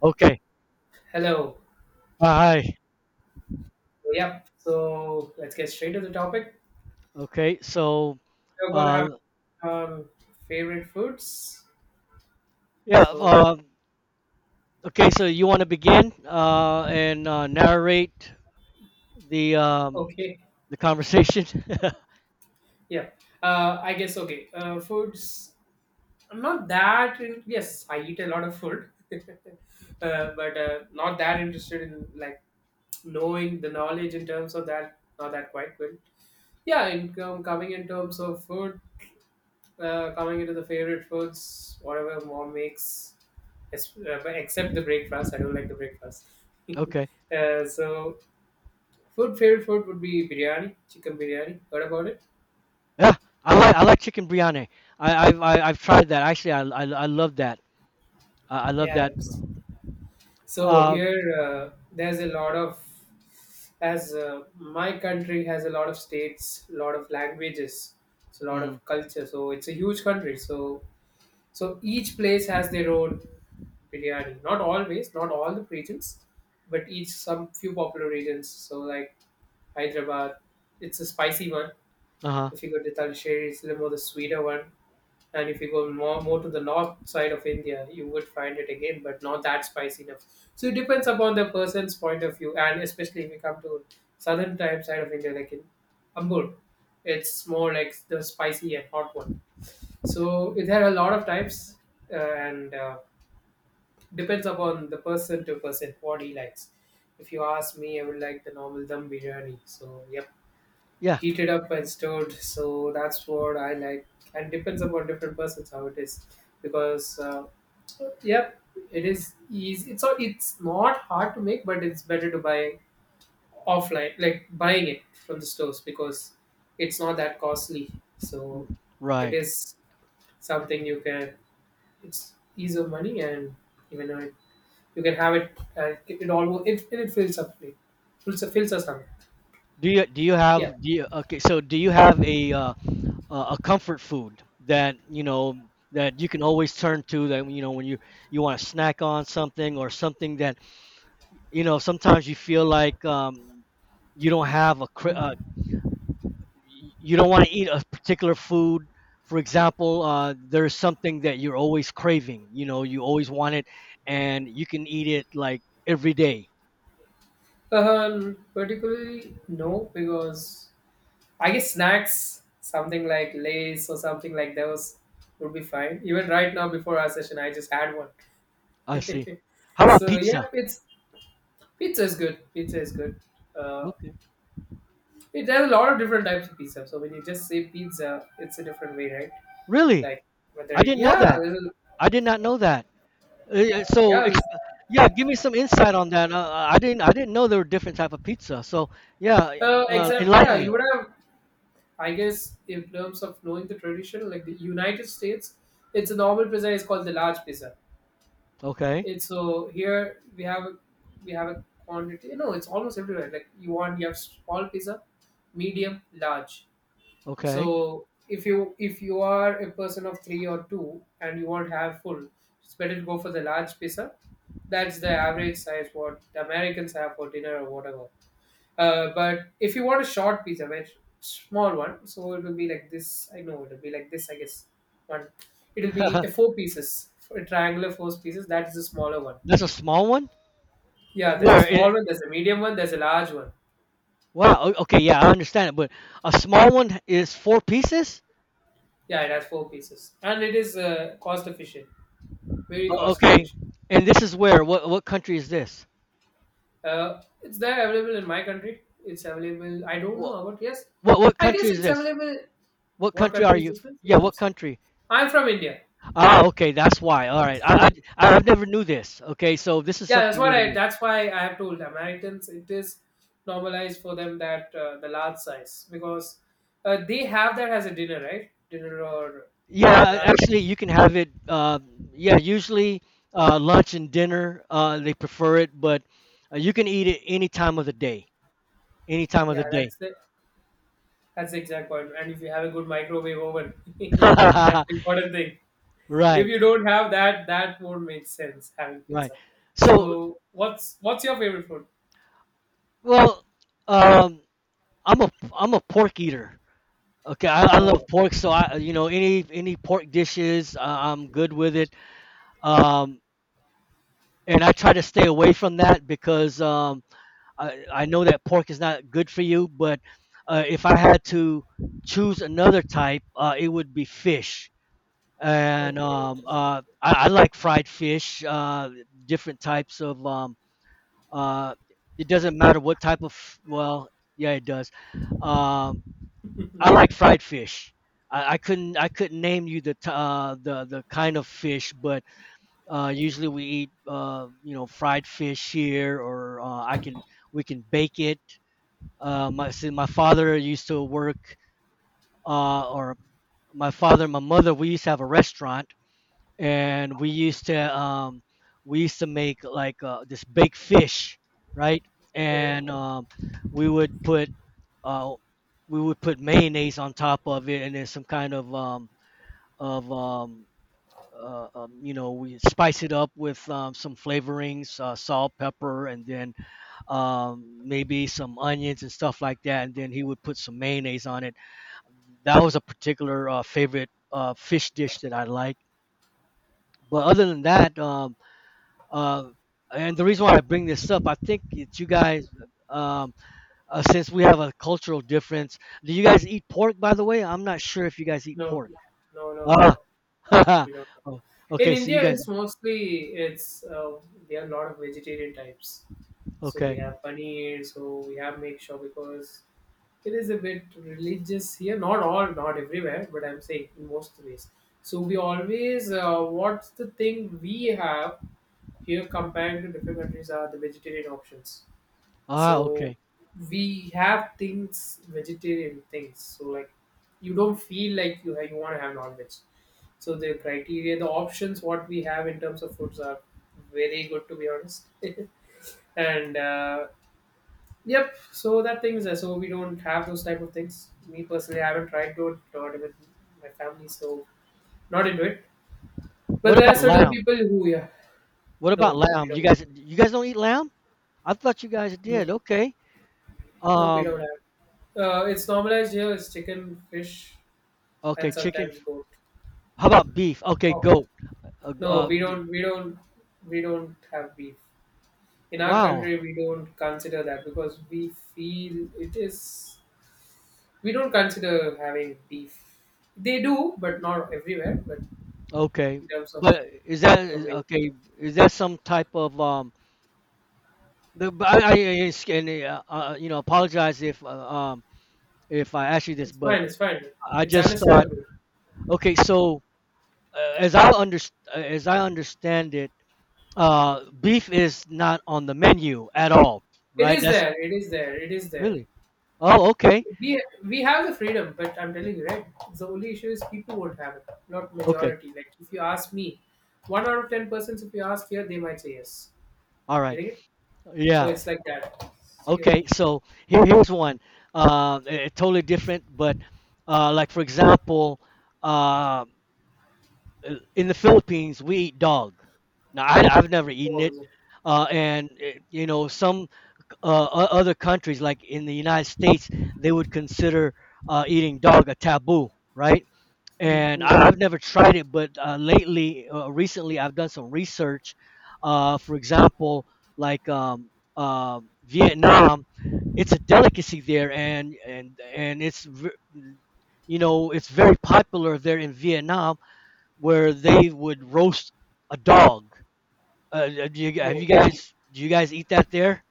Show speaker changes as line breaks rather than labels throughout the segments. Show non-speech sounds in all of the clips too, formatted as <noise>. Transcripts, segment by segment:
Okay.
Hello.
Hi.
Yep. So let's get straight to the topic.
Okay. So,
We're gonna have
uh,
um, favorite foods.
yeah.
So
Uh, okay. So you want to begin and narrate the um,
okay.
the conversation?
Yeah. I guess okay. Foods. I'm not that. In, yes, I eat a lot of food, <laughs> but not that interested in like knowing the knowledge in terms of that. Not that quite good. Yeah, in coming in terms of food, coming into the favorite foods, whatever mom makes. Yes, but except the breakfast. I don't like the breakfast.
<laughs>
<laughs>
Okay.
Uh, so, food favorite food would be biryani, chicken biryani. Heard about it?
Yeah. I like chicken biryani. I've tried that. Actually, I love that. I love
Yeah.
that.
So here,
Um.
there's a lot of, as my country has a lot of states, a lot of languages, it's a lot of culture. So it's a huge country. So so each place has their own biryani. Not always, not all the regions, but each some few popular regions. So like Hyderabad, it's a spicy one.
Uh huh.
If you go to Talisheri, it's a little more the sweeter one. And if you go more to the north side of India, you would find it again, but not that spicy enough. So it depends upon the person's point of view, and especially if you come to southern type side of India, like in Ambur, it's more like the spicy and hot one. So there are a lot of types, and depends upon the person to person what he likes. If you ask me, I would like the normal dum biryani. So yeah,
Yeah.
heated up and stirred. So that's what I like, and depends upon different persons how it is, because yep, it is easy. It's not hard to make, but it's better to buy offline, like buying it from the stores because it's not that costly. So it
Right.
is something you can. It's ease of money, and even though it, you can have it, it, it almost it fills up, it fills us up.
Do you
Yeah.
have do you, okay? so do you have a comfort food that you know that you can always turn to, that you know when you want to snack on something, or something that you know sometimes you feel like you don't have a you don't want to eat a particular food? For example, there's something that you're always craving, you know, you always want it and you can eat it like every day.
Particularly no, because I guess snacks, something like Lays or something like those would be fine. Even right now before our session, I just had one.
I see.
<laughs>
How about
So yeah,
pizza?
it's, pizza is good. Pizza is good. Uh,
Okay.
it has a lot of different types of pizza. So when you just say pizza, it's a different way, right?
Really?
Like whether
I didn't know
yeah,
that. I did not know that. Uh, yeah, so
yeah,
exp- yeah, give me some insight on that. Uh, I didn't I didn't know there were different type of pizza. So yeah,
except
enlighten
yeah,
me.
you would have. I guess in terms of knowing the tradition, like the United States, it's a normal pizza is called the large pizza.
Okay,
It's so here we have a quantity. No, it's almost everywhere. Like you want, you have small pizza, medium, large.
okay.
So if you are a person of three or two and you want to have full, it's better to go for the large pizza. That's the average size what the Americans have for dinner or whatever. But if you want a short pizza, very small one, so it will be like this. I know it will be like this, I guess. One, it'll
<laughs>
be a four pieces, a triangular four pieces, that is the smaller one.
That's a small one. Uh,
Yeah, there's a
Where
small
it,
one, there's a medium one, there's a large one.
wow. Okay, yeah, I understand it. But a small one is four pieces.
Yeah, it has four pieces, and it is cost efficient, very cost
Okay,
efficient.
and this is where? What country is this?
It's there available in my country. It's available. I don't know
What
about yes.
what
I
country
guess
is
it's
this?
available.
What
What
country are
country is
you?
this
F-
one? In
Yeah, what
terms,
country?
I'm from India.
Ah, okay, that's why. All right,
So
I've never knew this. Okay, so this is
yeah, that's
something
what
new to
I.
me.
That's why I have told Americans it is normalized for them that the large size because they have that as a dinner, right? Dinner or
Yeah,
lunch.
actually, you can have it. Yeah, usually lunch and dinner, they prefer it, but you can eat it any time of the day. Any time of
Yeah,
the day.
that's the, that's the exact point. And if you have a good microwave oven, <laughs> that's the
<laughs>
important thing. If
Right,
you don't have that, that won't make sense having
right.
pizza.
So,
So what's your favorite food?
well, um, I'm a I'm a pork eater. Okay, I love
Oh,
pork, so I, you know, any pork dishes, I'm good with it. Um, and I try to stay away from that because I know that pork is not good for you, but if I had to choose another type, it would be fish. And
okay, interesting.
I like fried fish, different types of. Uh, it doesn't matter what type of. Well, yeah, it does. Um, I like fried fish. I couldn't name you the the kind of fish, but usually we eat, you know, fried fish here, or I can we can bake it. Uh, my see, my father used to work, or my father and my mother, we used to have a restaurant, and we used to make like this baked fish, right?
Okay,
And we would put uh, mayonnaise on top of it, and then some kind of of um, you know, we spice it up with some flavorings, salt, pepper, and then maybe some onions and stuff like that, and then he would put some mayonnaise on it. That was a particular favorite fish dish that I like. But other than that, uh, and the reason why I bring this up, I think that you guys, um, since we have a cultural difference, do you guys eat pork? By the way, I'm not sure if you guys eat
no,
pork.
no, no,
Ah,
no.
<laughs>
We don't.
oh,
In
okay. So you
India,
guys,
it's mostly it's we have a lot of vegetarian types. So we
okay.
have paneer. So we have make sure because it is a bit religious here, not all, not everywhere, but I'm saying in most ways. So we always what's the thing we have here compared to different countries are the vegetarian options.
Ah,
So
okay.
we have things, vegetarian things, so like you don't feel like you have, you want to have non-veg. So the criteria, the options what we have in terms of foods are very good, to be honest. And Yep. So that thing is there. So we don't have those type of things. Me personally, I haven't tried to do it with my family, so not into it. But
What
there are
about
certain
lamb?
people who, yeah,
What about
no, we
lamb?
don't.
You guys don't eat lamb? I thought you guys
No,
did. Okay.
no, we don't
Um,
have. It's normalized here. It's chicken, fish,
okay,
and
chicken.
sometimes goat.
How about beef? Okay,
Oh
goat. Uh,
no,
uh,
we
d-
don't. We don't. We don't have beef in our
wow.
country. We don't consider that because we feel it is. We don't consider having beef. They do, but not everywhere. But
Okay,
in terms of
but
the way.
okay? Is that some type of um? The- but I, it's- and, you know, apologize if I ask you this,
It's
but
fine. It's fine.
I
It's
just thought.
understandable.
Okay, so uh, as I under as I understand it, beef is not on the menu at all,
It
right?
is
That's
there. It is there. It is there.
really. Oh, okay,
We have the freedom, but I'm telling you, right? The only issue is people won't have it, not
okay,
majority. Like if you ask me, one out of ten persons, if you ask here, they might say yes.
all right,
Getting it? So
yeah.
it's like that. Yeah.
Okay, so here, here's one. Totally different, but like for example, uh, in the Philippines, we eat dog. Now, I've never eaten
Oh,
it,
is it?
you know, some other countries, like in the United States, they would consider eating dog a taboo, right?
Mm,
And
mm.
I've never tried it, but recently, I've done some research. For example, like Vietnam, it's a delicacy there, and you know, it's very popular there in Vietnam, where they would roast a dog. Uh, uh, do you, have
Oh.
you guys do you guys eat that there?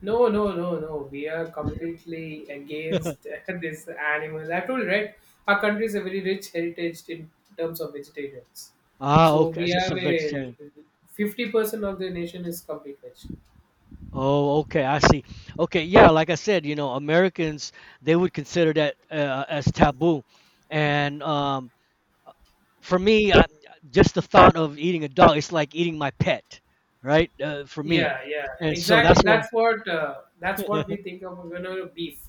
No, no, no, no. We are completely against <laughs> this animal. I told you, right? Our country is a very rich heritage in terms of vegetarians.
Ah,
So
okay,
we
just
have
a
a
vegetarian.
50% of the nation is complete veg.
Oh, okay, I see. Okay, yeah, like I said, you know, Americans, they would consider that as taboo, and for me, just the thought of eating a dog, it's like eating my pet, right? For me,
Yeah, yeah,
and so that's
exactly.
what.
That's what we
<laughs>
think of when we beef.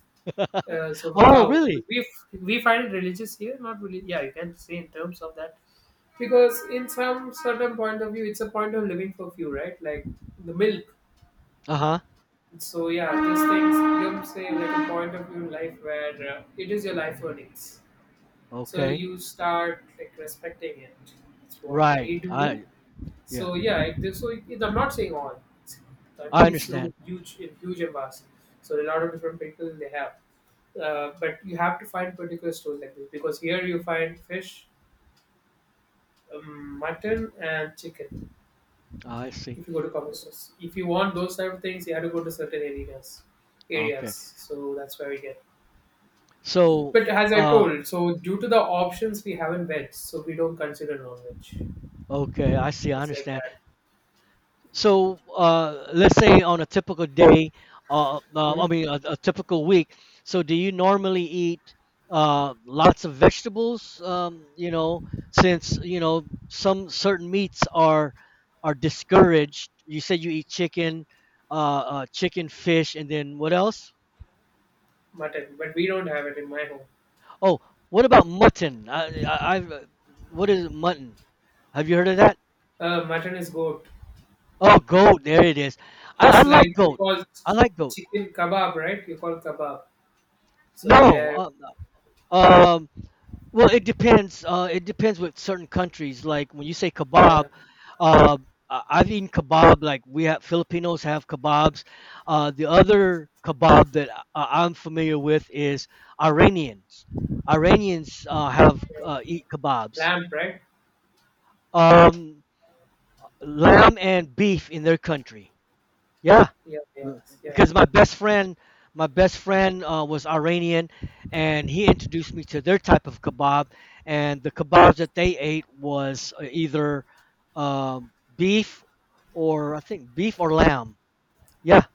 So the
Oh,
cow,
really?
we find it religious here, not really. Yeah, you can say in terms of that, because in some certain point of view, it's a point of living for few, right? Like the milk.
Uh-huh.
So yeah, these things gives a like a point of view in life where it is your life earnings. So
Okay.
you start like respecting it. It's what
Right.
they do.
I yeah.
So yeah, so it, I'm not saying all.
I
Country is so
understand.
huge in huge in vast. So a lot of different people they have. But you have to find particular stores like this because here you find fish, mutton, and chicken.
I see.
If you go to coffee stores, if you want those type of things, you have to go to certain areas. Areas,
Okay.
so that's where we get.
So,
But as I
uh,
told, so due to the options, we haven't veg, so we don't consider non-veg.
okay, I see. I
It's like
understand.
that.
So let's say on a typical day, I
Hmm?
mean a typical week. So do you normally eat lots of vegetables? You know, since you know some certain meats are discouraged. You said you eat chicken, chicken, fish, and then what else?
Mutton, but we don't have it in my home.
Oh, what about mutton? What is mutton? Have you heard of that?
Mutton is goat.
Oh, goat. There it is. I
It's
like
like we
goat.
call
I like goat.
chicken kebab, right? You call kebab. So
No,
there,
uh, Um, well, it depends. It depends with certain countries. Like when you say
yeah,
kebab, uh, I've eaten kebab. Like we have Filipinos have kebabs. The other kebab that I'm familiar with is Iranians. Iranians have
yeah.
eat kebabs.
Lamb, right?
Um, lamb and beef in their country. Yeah.
Yeah, yeah, yeah.
Because my best friend was Iranian, and he introduced me to their type of kebab, and the kebabs that they ate was either beef or I think beef or lamb, yeah.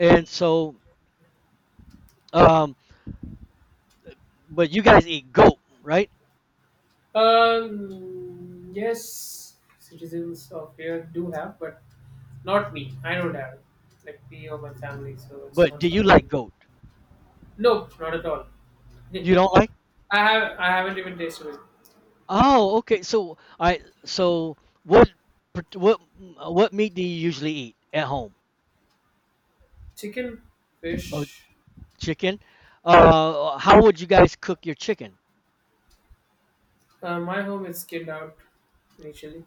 And so um, but you guys eat goat, right?
Yes, citizens of here do have, but not me. I don't have it. Like me or my family, so it's
But
not
do you
something.
like goat?
No, not at all.
You
<laughs>
don't like?
I haven't even tasted it.
Oh, okay, so I, so what part- what meat do you usually eat at home?
Chicken,
Oh,
fish.
chicken. How would you guys cook your chicken?
My home is skinned out initially.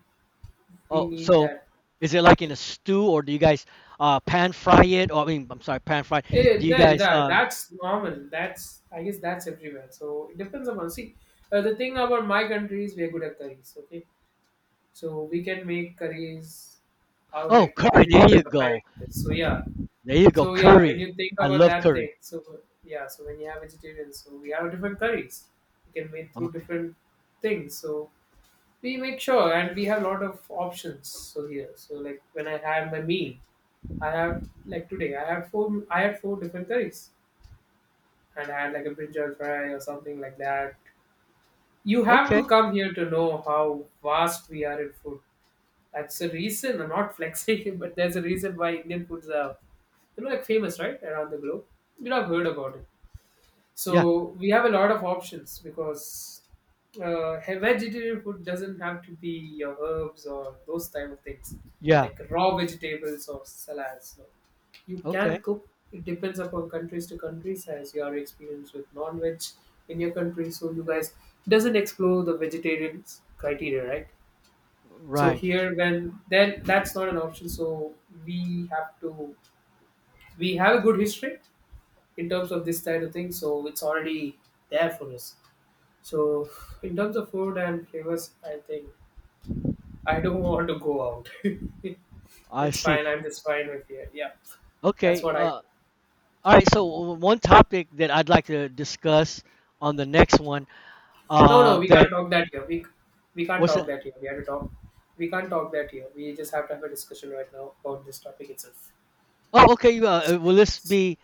We
Oh,
need
so
that.
is it like in a stew, or do you guys pan fry it? Or I mean, I'm sorry, pan fry.
Eh,
Do you guys?
that's normal. That's, I guess that's everywhere. So it depends upon. See, the thing about my country is we are good at curries. Okay, so we can make curries out
Oh,
like
curry. There
brilliantly
you
compared
go.
to this. So yeah.
There you go.
So yeah, when
Curry.
you think
I
about
love
that thing,
curry.
so yeah, so when you have vegetarians, so we have different curries. You can make through
Okay.
different things. So we make sure, and we have a lot of options. So here, so like when I had my meal, I have like today, I had four different curries, and I had like a brinjal fry or something like that. You have to
Okay.
come here to know how vast we are in food. That's the reason. I'm not flexing, <laughs> but there's a reason why Indian foods are, you know, like famous, right, around the globe. You know, I have heard about it.
Yeah.
So we have a lot of options because vegetarian food doesn't have to be your herbs or those type of things,
Yeah.
like raw vegetables or salads. No. You can
Okay.
cook. It depends upon countries to countries as your experience with non-veg in your country. So you guys doesn't explore the vegetarian criteria, right? So
Right.
here, when then that's not an option. So we have to we have a good history in terms of this kind of thing. So it's already there for us. So, in terms of food and flavors, I think I don't <laughs> want to go out. <laughs>
I
It's
see.
fine. I'm just fine with here. Yeah, that's
Okay.
what I.
All right. So one topic that I'd like to discuss on the next one.
No, no, we can't
That
talk that here. We can't
was
talk
it.
that here. We have to talk. We can't talk that here. We just have to have a discussion right now about this topic itself.
Oh, okay. Uh, uh, will this be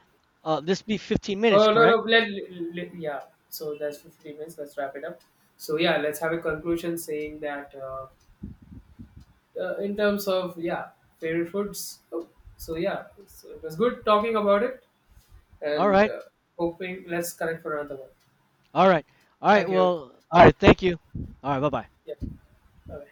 uh, this be 15 minutes,
Oh no, no.
correct?
Yeah. So that's 15 minutes. Let's wrap it up. So yeah, let's have a conclusion saying that in terms of yeah favorite foods. Oh, so yeah, so it was good talking about it.
All
And
right.
hoping let's connect for another one.
All right. All right.
Thank you.
Well, all right. Thank you. All right. Bye-bye.
Yeah. Bye.